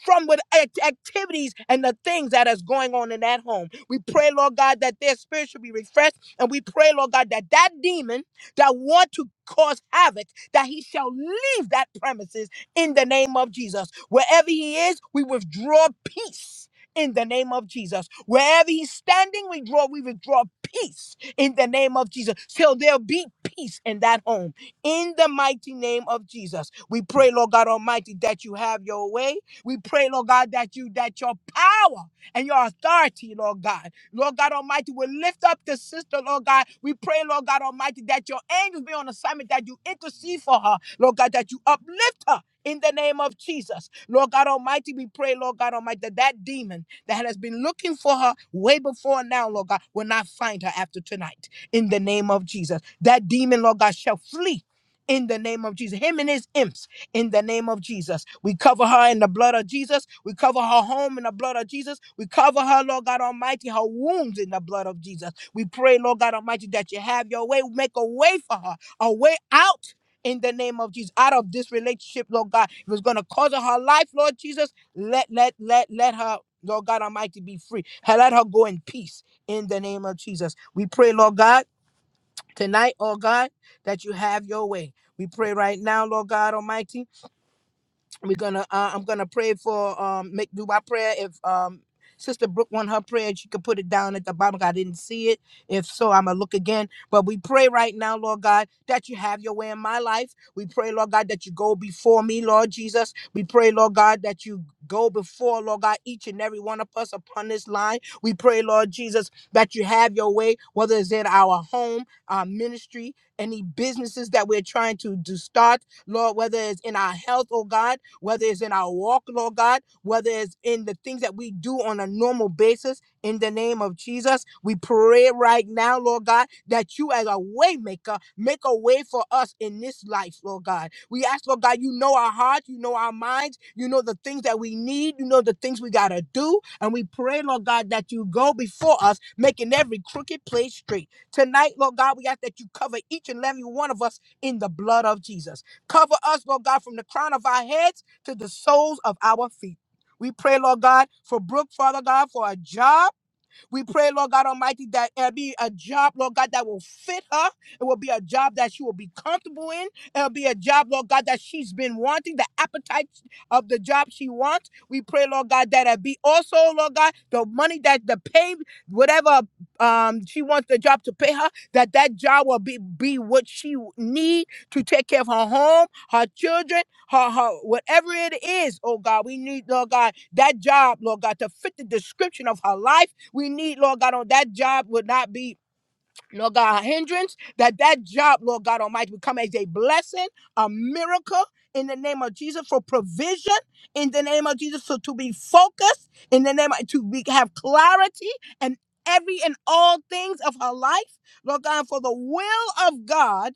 Speaker 2: from with act- activities and the things that is going on in that home. We pray, Lord God, that their spirit should be refreshed, and we pray, Lord God, that that demon that want to cause havoc, that he shall leave that premises in the name of Jesus. Wherever he is, we withdraw peace. In the name of Jesus, wherever he's standing, we draw, we withdraw peace in the name of Jesus. till there'll be peace in that home. In the mighty name of Jesus, we pray, Lord God Almighty, that you have your way we pray, Lord God, that you that your power and your authority, Lord God, Lord God Almighty, will lift up the sister, Lord God. We pray, Lord God Almighty, that your angels be on assignment, that you intercede for her, Lord God, that you uplift her. In the name of Jesus, Lord God Almighty, we pray, Lord God Almighty, that that demon that has been looking for her way before now, Lord God, will not find her after tonight. In the name of Jesus, that demon, Lord God, shall flee. In the name of Jesus, him and his imps in the name of Jesus. We cover her in the blood of Jesus. We cover her home in the blood of Jesus. We cover her, Lord God Almighty, her wounds in the blood of Jesus. We pray, Lord God Almighty, that you have your way. Make a way for her, a way out. In the name of Jesus, out of this relationship, Lord God, if it's going to cause her her life, Lord Jesus, let let let let her, Lord God Almighty, be free. Let her go in peace. In the name of Jesus, we pray, Lord God, tonight, oh God, that you have your way. We pray right now, Lord God Almighty, we're gonna uh, i'm gonna pray for um make do my prayer if um sister brooke want her prayer she could put it down at the bottom i didn't see it if so i'm gonna look again but we pray right now lord god that you have your way in my life we pray lord god that you go before me lord jesus we pray lord god that you go before lord god each and every one of us upon this line we pray lord jesus that you have your way whether it's in our home our ministry any businesses that we're trying to, to start lord whether it's in our health oh god whether it's in our walk, Lord God, whether it's in the things that we do on a normal basis. In the name of Jesus, we pray right now, Lord God, that you as a waymaker make a way for us in this life, Lord God. We ask, Lord God, you know our hearts, you know our minds, you know the things that we need, you know the things we gotta do, and we pray, Lord God, that you go before us, making every crooked place straight. Tonight, Lord God, we ask that you cover each and every one of us in the blood of Jesus. Cover us, Lord God, from the crown of our heads to the soles of our feet. We pray, Lord God, for Brooke, Father God, for a job we pray, Lord God Almighty, that it'll be a job, Lord God, that will fit her. It will be a job that she will be comfortable in. It'll be a job, Lord God, that she's been wanting, the appetite of the job she wants. We pray, Lord God, that it be also, Lord God, the money that the pay, whatever um she wants the job to pay her, that that job will be be what she need to take care of her home, her children, her, her whatever it is. Oh God, we need, Lord God, that job, Lord God, to fit the description of her life we need, Lord God, on that job would not be, Lord God, a hindrance. That that job, Lord God Almighty, would come as a blessing, a miracle in the name of Jesus for provision, in the name of Jesus, so to be focused, in the name of, to be, have clarity and every and all things of her life, Lord God, for the will of God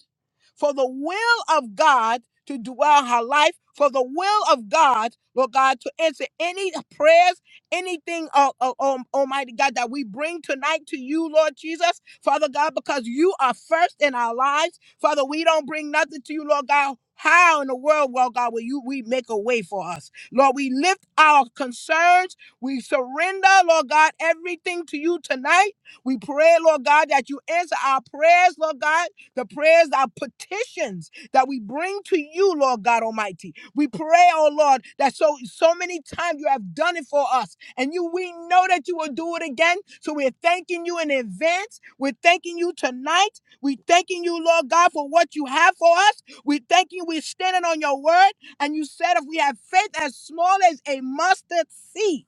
Speaker 2: for the will of God to dwell in her life, for the will of God, Lord God, to answer any prayers, anything, uh, uh, um, Almighty God, that we bring tonight to you, Lord Jesus, Father God, because you are first in our lives. Father, we don't bring nothing to you, Lord God. How in the world, Lord God, will you we make a way for us? Lord, we lift our concerns. We surrender, Lord God, everything to you tonight. We pray, Lord God, that you answer our prayers, Lord God the prayers, our petitions that we bring to you, Lord God Almighty. We pray, oh Lord, that so so many times you have done it for us, and you we know that you will do it again. So we're thanking you in advance. We're thanking you tonight. We're thanking you, Lord God, for what you have for us. We thank you. We're standing on your word, and you said if we have faith as small as a mustard seed.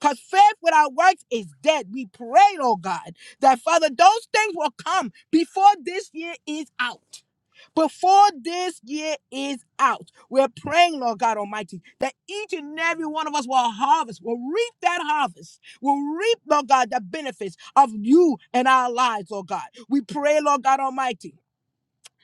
Speaker 2: Because faith without works is dead. We pray, oh God, that Father, those things will come before this year is out. Before this year is out, we're praying, Lord God Almighty, that each and every one of us will harvest, will reap that harvest, will reap, Lord God, the benefits of you and our lives, Lord God. We pray, Lord God Almighty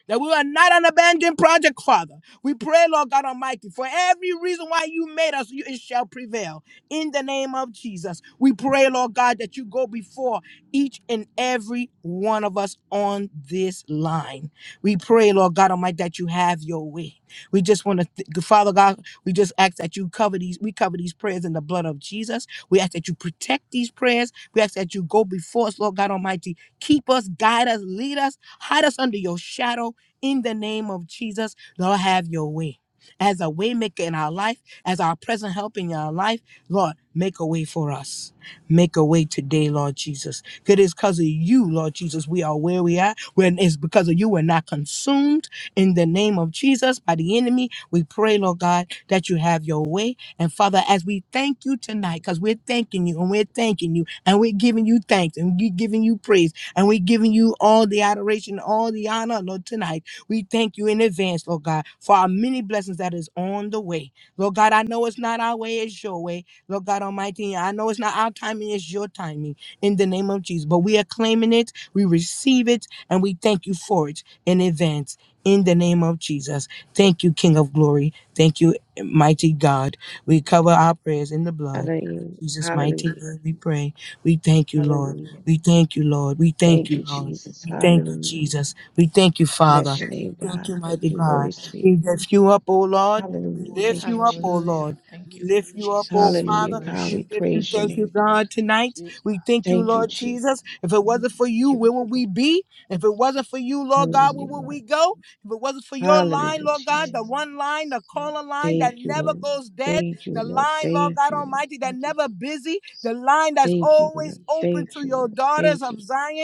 Speaker 2: that we are not an abandoned project, Father. We pray, Lord God Almighty, for every reason why you made us, you, it shall prevail. In the name of Jesus, we pray, Lord God, that you go before each and every one of us on this line. We pray, Lord God Almighty, that you have your way. We just want to, th- Father God, we just ask that you cover these, we cover these prayers in the blood of Jesus. We ask that you protect these prayers. We ask that you go before us, Lord God Almighty. Keep us, guide us, lead us, hide us under your shadow in the name of Jesus. Lord, have your way. As a waymaker in our life, as our present help in our life, Lord, make a way for us. Make a way today, Lord Jesus. It is because of you, Lord Jesus, we are where we are. When it's because of you, we're not consumed in the name of Jesus by the enemy. We pray, Lord God, that you have your way. And Father, as we thank you tonight, because we're thanking you and we're thanking you and we're giving you thanks and we're giving you praise and we're giving you all the adoration, all the honor, Lord, tonight. We thank you in advance, Lord God, for our many blessings that is on the way. Lord God, I know it's not our way, it's your way. Lord God Almighty, I know it's not our timing, it's your timing in the name of Jesus. But we are claiming it, we receive it, and we thank you for it in advance in the name of Jesus. Thank you, King of Glory. Thank you, mighty God. We
Speaker 5: name.
Speaker 2: cover our prayers in the blood. In
Speaker 5: Hallelujah.
Speaker 2: Jesus' mighty
Speaker 5: Hallelujah.
Speaker 2: name, we pray. We thank you, Lord.
Speaker 5: Hallelujah.
Speaker 2: We thank you, Lord. We thank
Speaker 5: Thank
Speaker 2: you,
Speaker 5: you,
Speaker 2: Lord.
Speaker 5: Jesus.
Speaker 2: We thank you,
Speaker 5: Hallelujah.
Speaker 2: Jesus. We thank you, Father.
Speaker 5: Bless your name,
Speaker 2: We thank
Speaker 5: God.
Speaker 2: you,
Speaker 5: Thank
Speaker 2: mighty
Speaker 5: you,
Speaker 2: God.
Speaker 5: Holy Spirit.
Speaker 2: We lift you up, O Lord. We
Speaker 5: Hallelujah.
Speaker 2: lift
Speaker 5: Thank you,
Speaker 2: you up, O
Speaker 5: Jesus.
Speaker 1: Hallelujah.
Speaker 2: Lord.
Speaker 1: Thank
Speaker 2: We
Speaker 1: you,
Speaker 2: lift
Speaker 1: Lord
Speaker 2: you up, O
Speaker 1: Jesus.
Speaker 5: Hallelujah,
Speaker 1: We
Speaker 2: Father.
Speaker 5: God.
Speaker 2: We
Speaker 1: worship
Speaker 5: We
Speaker 2: lift you,
Speaker 5: praise your
Speaker 2: thank you,
Speaker 5: name, God.
Speaker 2: God, tonight.
Speaker 1: you.
Speaker 2: We
Speaker 1: are
Speaker 2: thank you,
Speaker 5: Thank
Speaker 1: holy.
Speaker 5: you,
Speaker 2: Lord
Speaker 5: Jesus.
Speaker 2: Jesus. If it
Speaker 5: Hallelujah.
Speaker 1: Thank
Speaker 2: wasn't
Speaker 1: you.
Speaker 2: for you,
Speaker 5: Give
Speaker 2: where
Speaker 5: you
Speaker 2: would we
Speaker 5: glory.
Speaker 2: be? If
Speaker 1: Thank
Speaker 2: it
Speaker 1: you.
Speaker 2: wasn't for you, Lord God,
Speaker 1: So
Speaker 2: where
Speaker 5: Hallelujah,
Speaker 2: would we
Speaker 5: Lord.
Speaker 2: go?
Speaker 1: thank
Speaker 2: If it wasn't for your line,
Speaker 5: Hallelujah,
Speaker 2: Lord
Speaker 1: you,
Speaker 2: God, the
Speaker 5: Jesus.
Speaker 1: Lord
Speaker 2: one line,
Speaker 1: Jesus.
Speaker 2: the caller line that
Speaker 5: Thank you,
Speaker 1: Hallelujah.
Speaker 2: never
Speaker 5: Lord.
Speaker 1: Thank
Speaker 2: goes
Speaker 1: you,
Speaker 2: dead,
Speaker 1: Lord
Speaker 5: Thank you,
Speaker 2: the
Speaker 5: Lord.
Speaker 2: line,
Speaker 1: Jesus.
Speaker 2: Lord
Speaker 5: Thank
Speaker 2: God
Speaker 5: you, Lord.
Speaker 2: Almighty, that
Speaker 1: Thank you
Speaker 2: never
Speaker 1: for your
Speaker 2: busy,
Speaker 1: grace.
Speaker 2: the line that's
Speaker 1: We
Speaker 5: Thank you, Lord.
Speaker 2: always
Speaker 1: praise you.
Speaker 2: open
Speaker 5: Thank
Speaker 2: to
Speaker 5: you,
Speaker 2: your
Speaker 5: Lord.
Speaker 2: daughters
Speaker 5: Thank you.
Speaker 2: of Zion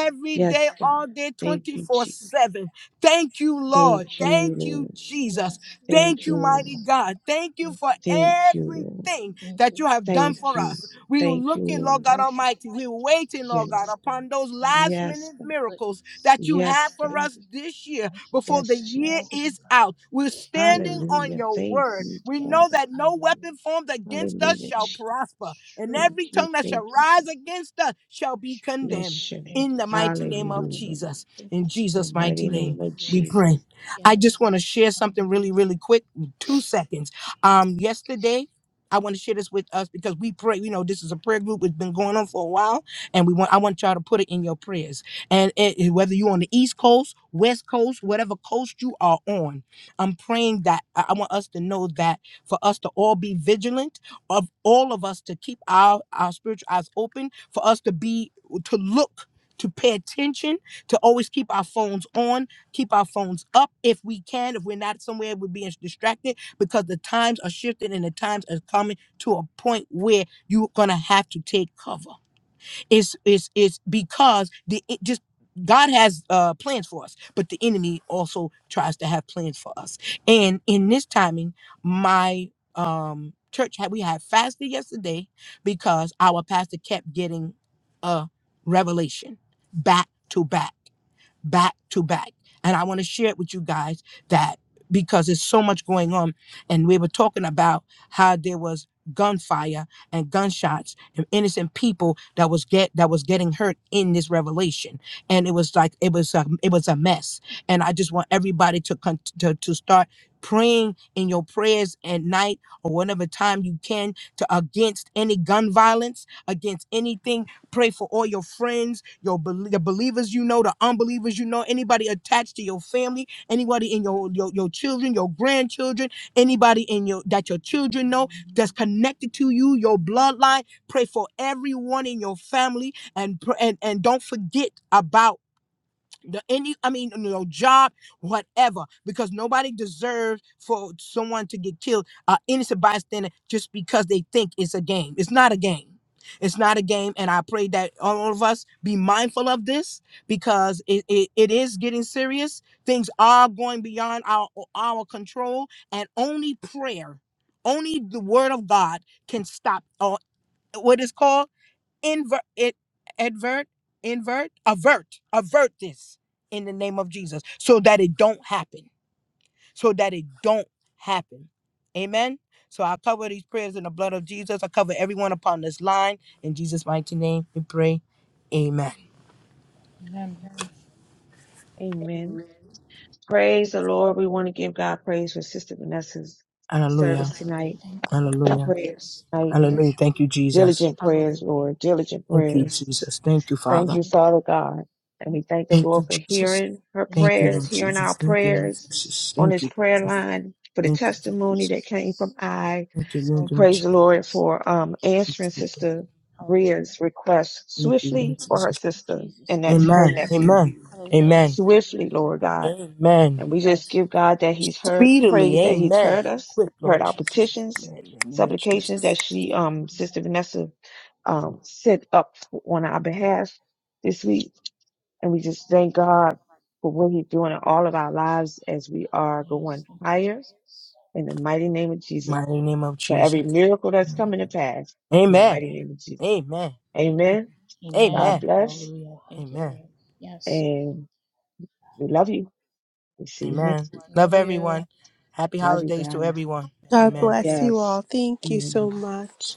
Speaker 1: We
Speaker 2: day,
Speaker 5: Yes, God.
Speaker 2: all day,
Speaker 5: Thank you,
Speaker 2: 24
Speaker 5: Jesus.
Speaker 1: Worship
Speaker 2: 7.
Speaker 1: you.
Speaker 2: Thank you,
Speaker 1: Thank you.
Speaker 2: Lord.
Speaker 5: Thank you,
Speaker 2: Thank you,
Speaker 5: Lord.
Speaker 2: Jesus.
Speaker 1: Yes, Lord
Speaker 2: Thank
Speaker 5: Thank
Speaker 2: you,
Speaker 5: you,
Speaker 2: mighty
Speaker 5: Lord.
Speaker 1: Jesus.
Speaker 2: God. Thank you
Speaker 1: Thank
Speaker 2: for
Speaker 1: you.
Speaker 5: Thank you, Lord.
Speaker 2: everything
Speaker 1: Thank you,
Speaker 2: that you have
Speaker 1: Lord
Speaker 2: done
Speaker 5: Thank
Speaker 2: for
Speaker 5: you.
Speaker 2: us.
Speaker 1: Jesus.
Speaker 2: We are
Speaker 5: Thank you,
Speaker 2: looking,
Speaker 1: We
Speaker 2: Lord
Speaker 5: Lord.
Speaker 2: God
Speaker 1: worship you,
Speaker 2: Almighty. We
Speaker 1: Lord
Speaker 2: are waiting,
Speaker 1: Jesus.
Speaker 2: Lord God,
Speaker 1: So
Speaker 5: Yes,
Speaker 1: holy.
Speaker 2: upon those
Speaker 1: Thank you,
Speaker 2: last
Speaker 1: Lord.
Speaker 5: yes,
Speaker 2: minute
Speaker 1: Your
Speaker 5: God.
Speaker 2: miracles
Speaker 1: goodness.
Speaker 2: that you have
Speaker 5: yes,
Speaker 2: for
Speaker 5: God.
Speaker 2: us
Speaker 1: Worthy
Speaker 2: this year
Speaker 1: God. Righteous
Speaker 2: before the
Speaker 5: yes,
Speaker 1: God.
Speaker 2: year
Speaker 5: Jesus.
Speaker 1: Awesome
Speaker 2: is
Speaker 1: God.
Speaker 2: out. We're
Speaker 1: Thank you,
Speaker 2: standing on
Speaker 5: Hallelujah.
Speaker 2: your
Speaker 5: Thank
Speaker 2: word.
Speaker 5: you,
Speaker 1: Jesus.
Speaker 2: We know
Speaker 5: Father.
Speaker 1: Yes,
Speaker 2: that no
Speaker 1: hallelujah.
Speaker 2: weapon formed against us
Speaker 5: Hallelujah,
Speaker 2: shall
Speaker 1: Yes,
Speaker 5: Jesus.
Speaker 2: prosper, and
Speaker 1: true.
Speaker 5: Thank
Speaker 2: every
Speaker 5: you,
Speaker 2: tongue that shall
Speaker 5: thank you.
Speaker 1: Jesus.
Speaker 2: rise
Speaker 5: Thank
Speaker 2: against us shall be
Speaker 1: Worship
Speaker 5: you.
Speaker 2: condemned
Speaker 5: Bless your
Speaker 1: in
Speaker 5: name.
Speaker 2: in the
Speaker 1: Jesus'
Speaker 2: mighty
Speaker 1: name.
Speaker 2: name
Speaker 5: Hallelujah.
Speaker 2: of
Speaker 1: Hallelujah.
Speaker 2: Jesus.
Speaker 1: Thank
Speaker 2: In
Speaker 1: you.
Speaker 5: In The
Speaker 2: Jesus' mighty
Speaker 5: mighty
Speaker 2: name,
Speaker 5: name of
Speaker 2: we
Speaker 1: Worship.
Speaker 5: Jesus.
Speaker 2: pray. I just
Speaker 1: Yes,
Speaker 2: want to share
Speaker 1: Lord.
Speaker 2: something really,
Speaker 1: Hallelujah.
Speaker 2: really quick. Two seconds. Um, yesterday, I want to share this with us because we pray. You know, this is a prayer group. It's been going on for a while, and we want I want y'all to put it in your prayers. And it, it- whether you're on the East Coast, West Coast, whatever coast you are on, I'm praying that I I want us to know that for us to all be vigilant, of all of us to keep our our spiritual eyes open, for us to be to look to pay attention, to always keep our phones on, keep our phones up if we can. If we're not somewhere, we're being distracted because the times are shifting and the times are coming to a point where you're going to have to take cover. It's it's it's because the it just God has uh plans for us, but the enemy also tries to have plans for us. And in this timing, my um church had we had fasted yesterday because our pastor kept getting a revelation back to back back to back. And I want to share it with you guys that because there's so much going on. And we were talking about how there was gunfire and gunshots and innocent people that was get that was getting hurt in this revelation and it was like it was a, it was a mess and i just want everybody to con- to, to start praying in your prayers at night or whatever time you can to against any gun violence against anything Pray for all your friends, your bel- the believers you know, the unbelievers you know, anybody attached to your family, anybody in your your, your children, your grandchildren, anybody in your that your children know that's connected to you, your bloodline. Pray for everyone in your family, and pr- and and don't forget about the any i mean you know job whatever because nobody deserves for someone to get killed uh innocent bystander just because they think it's a game it's not a game it's not a game and i pray that all of us be mindful of this because it, it, it is getting serious things are going beyond our our control and only prayer only the word of god can stop or what is called invert it advert invert avert avert this in the name of jesus so that it don't happen so that it don't happen amen so i cover these prayers in the blood of jesus i cover everyone upon this line in jesus mighty name we pray amen
Speaker 1: Amen.
Speaker 5: Amen. Praise the Lord. We want to give God praise for Sister Vanessa's service
Speaker 1: Yes,
Speaker 2: hallelujah
Speaker 1: Lord.
Speaker 5: tonight.
Speaker 1: Thank you, Lord
Speaker 2: hallelujah
Speaker 5: Prayers,
Speaker 1: Jesus. We
Speaker 5: right?
Speaker 2: hallelujah
Speaker 1: Worship
Speaker 2: thank
Speaker 1: you.
Speaker 2: you jesus
Speaker 5: Diligent prayers,
Speaker 1: Hallelujah.
Speaker 5: Lord.
Speaker 1: Thank you,
Speaker 5: Diligent
Speaker 1: Lord
Speaker 2: thank you
Speaker 5: prayers.
Speaker 2: jesus
Speaker 1: Jesus.
Speaker 2: thank you
Speaker 5: Thank
Speaker 2: father
Speaker 1: We
Speaker 5: you,
Speaker 1: lift
Speaker 5: Father
Speaker 1: you. up.
Speaker 5: God. And
Speaker 1: Thank you.
Speaker 5: we thank the
Speaker 2: thank you
Speaker 5: Lord for
Speaker 2: jesus
Speaker 5: hearing
Speaker 1: Hallelujah.
Speaker 5: her
Speaker 1: Thank
Speaker 2: thank
Speaker 1: you,
Speaker 2: you
Speaker 5: prayers,
Speaker 2: lord
Speaker 5: hearing our
Speaker 2: jesus thank you lord
Speaker 5: prayers
Speaker 2: jesus
Speaker 1: Jesus.
Speaker 5: on
Speaker 2: thank
Speaker 5: this
Speaker 2: you
Speaker 5: prayer
Speaker 2: jesus
Speaker 1: Thank you,
Speaker 5: line, for the
Speaker 2: thank you
Speaker 5: testimony
Speaker 2: jesus
Speaker 5: that came
Speaker 1: Jesus.
Speaker 5: from I.
Speaker 2: thank you
Speaker 5: We
Speaker 2: lord
Speaker 1: So good.
Speaker 5: Praise the Lord
Speaker 1: Yes.
Speaker 5: for
Speaker 1: Thank
Speaker 5: um,
Speaker 1: you,
Speaker 5: answering
Speaker 2: jesus
Speaker 1: Jesus.
Speaker 5: Sister
Speaker 1: Hallelujah.
Speaker 5: Bria's
Speaker 1: Thank
Speaker 5: request
Speaker 1: you, Lord
Speaker 2: Thank you, Lord
Speaker 5: swiftly for her
Speaker 1: Jesus.
Speaker 2: Jesus.
Speaker 1: Oh,
Speaker 5: sister,
Speaker 1: Jesus.
Speaker 5: and that's her
Speaker 2: Amen.
Speaker 1: Yes.
Speaker 5: nephew.
Speaker 2: Amen.
Speaker 1: Hallelujah.
Speaker 2: Amen.
Speaker 5: Swiftly,
Speaker 1: Thank you,
Speaker 5: Lord
Speaker 1: Lord.
Speaker 5: God.
Speaker 2: Amen.
Speaker 5: And we just
Speaker 1: Yes.
Speaker 5: give
Speaker 1: Lord.
Speaker 5: God that He's heard,
Speaker 1: Thank
Speaker 2: Speedily.
Speaker 5: praise
Speaker 1: you,
Speaker 5: that He's
Speaker 2: Amen.
Speaker 5: heard
Speaker 1: Jesus.
Speaker 5: us,
Speaker 2: Quick,
Speaker 5: heard
Speaker 2: Lord
Speaker 5: our
Speaker 1: Yes.
Speaker 2: Jesus.
Speaker 5: petitions,
Speaker 2: Amen. In the name of
Speaker 5: supplications
Speaker 2: Jesus.
Speaker 5: that she, um, Sister
Speaker 1: Hallelujah.
Speaker 5: Vanessa, um, set up on our behalf this week and we just thank God for what He's doing in all of our lives as we are
Speaker 1: Yes.
Speaker 5: going
Speaker 1: Thank you,
Speaker 5: higher
Speaker 1: Jesus.
Speaker 5: in the mighty name of Jesus
Speaker 2: Mighty name of
Speaker 5: for
Speaker 2: Jesus.
Speaker 5: every miracle that's coming to pass in the
Speaker 2: Amen.
Speaker 5: mighty name of Jesus.
Speaker 2: Amen.
Speaker 5: Amen. God
Speaker 2: Amen.
Speaker 1: Amen.
Speaker 5: bless.
Speaker 1: Hallelujah. Thank you,
Speaker 2: Amen.
Speaker 1: Lord. Yes.
Speaker 5: And we love you. We'll see you
Speaker 2: Amen.
Speaker 5: next week.
Speaker 2: Love
Speaker 1: Love you.
Speaker 2: everyone. Happy
Speaker 5: Love you
Speaker 2: holidays to
Speaker 5: guys.
Speaker 2: everyone.
Speaker 1: Be
Speaker 4: God
Speaker 2: Amen.
Speaker 1: worthy.
Speaker 4: bless you all.
Speaker 5: Yes.
Speaker 4: Thank you so
Speaker 5: Amen.
Speaker 4: much.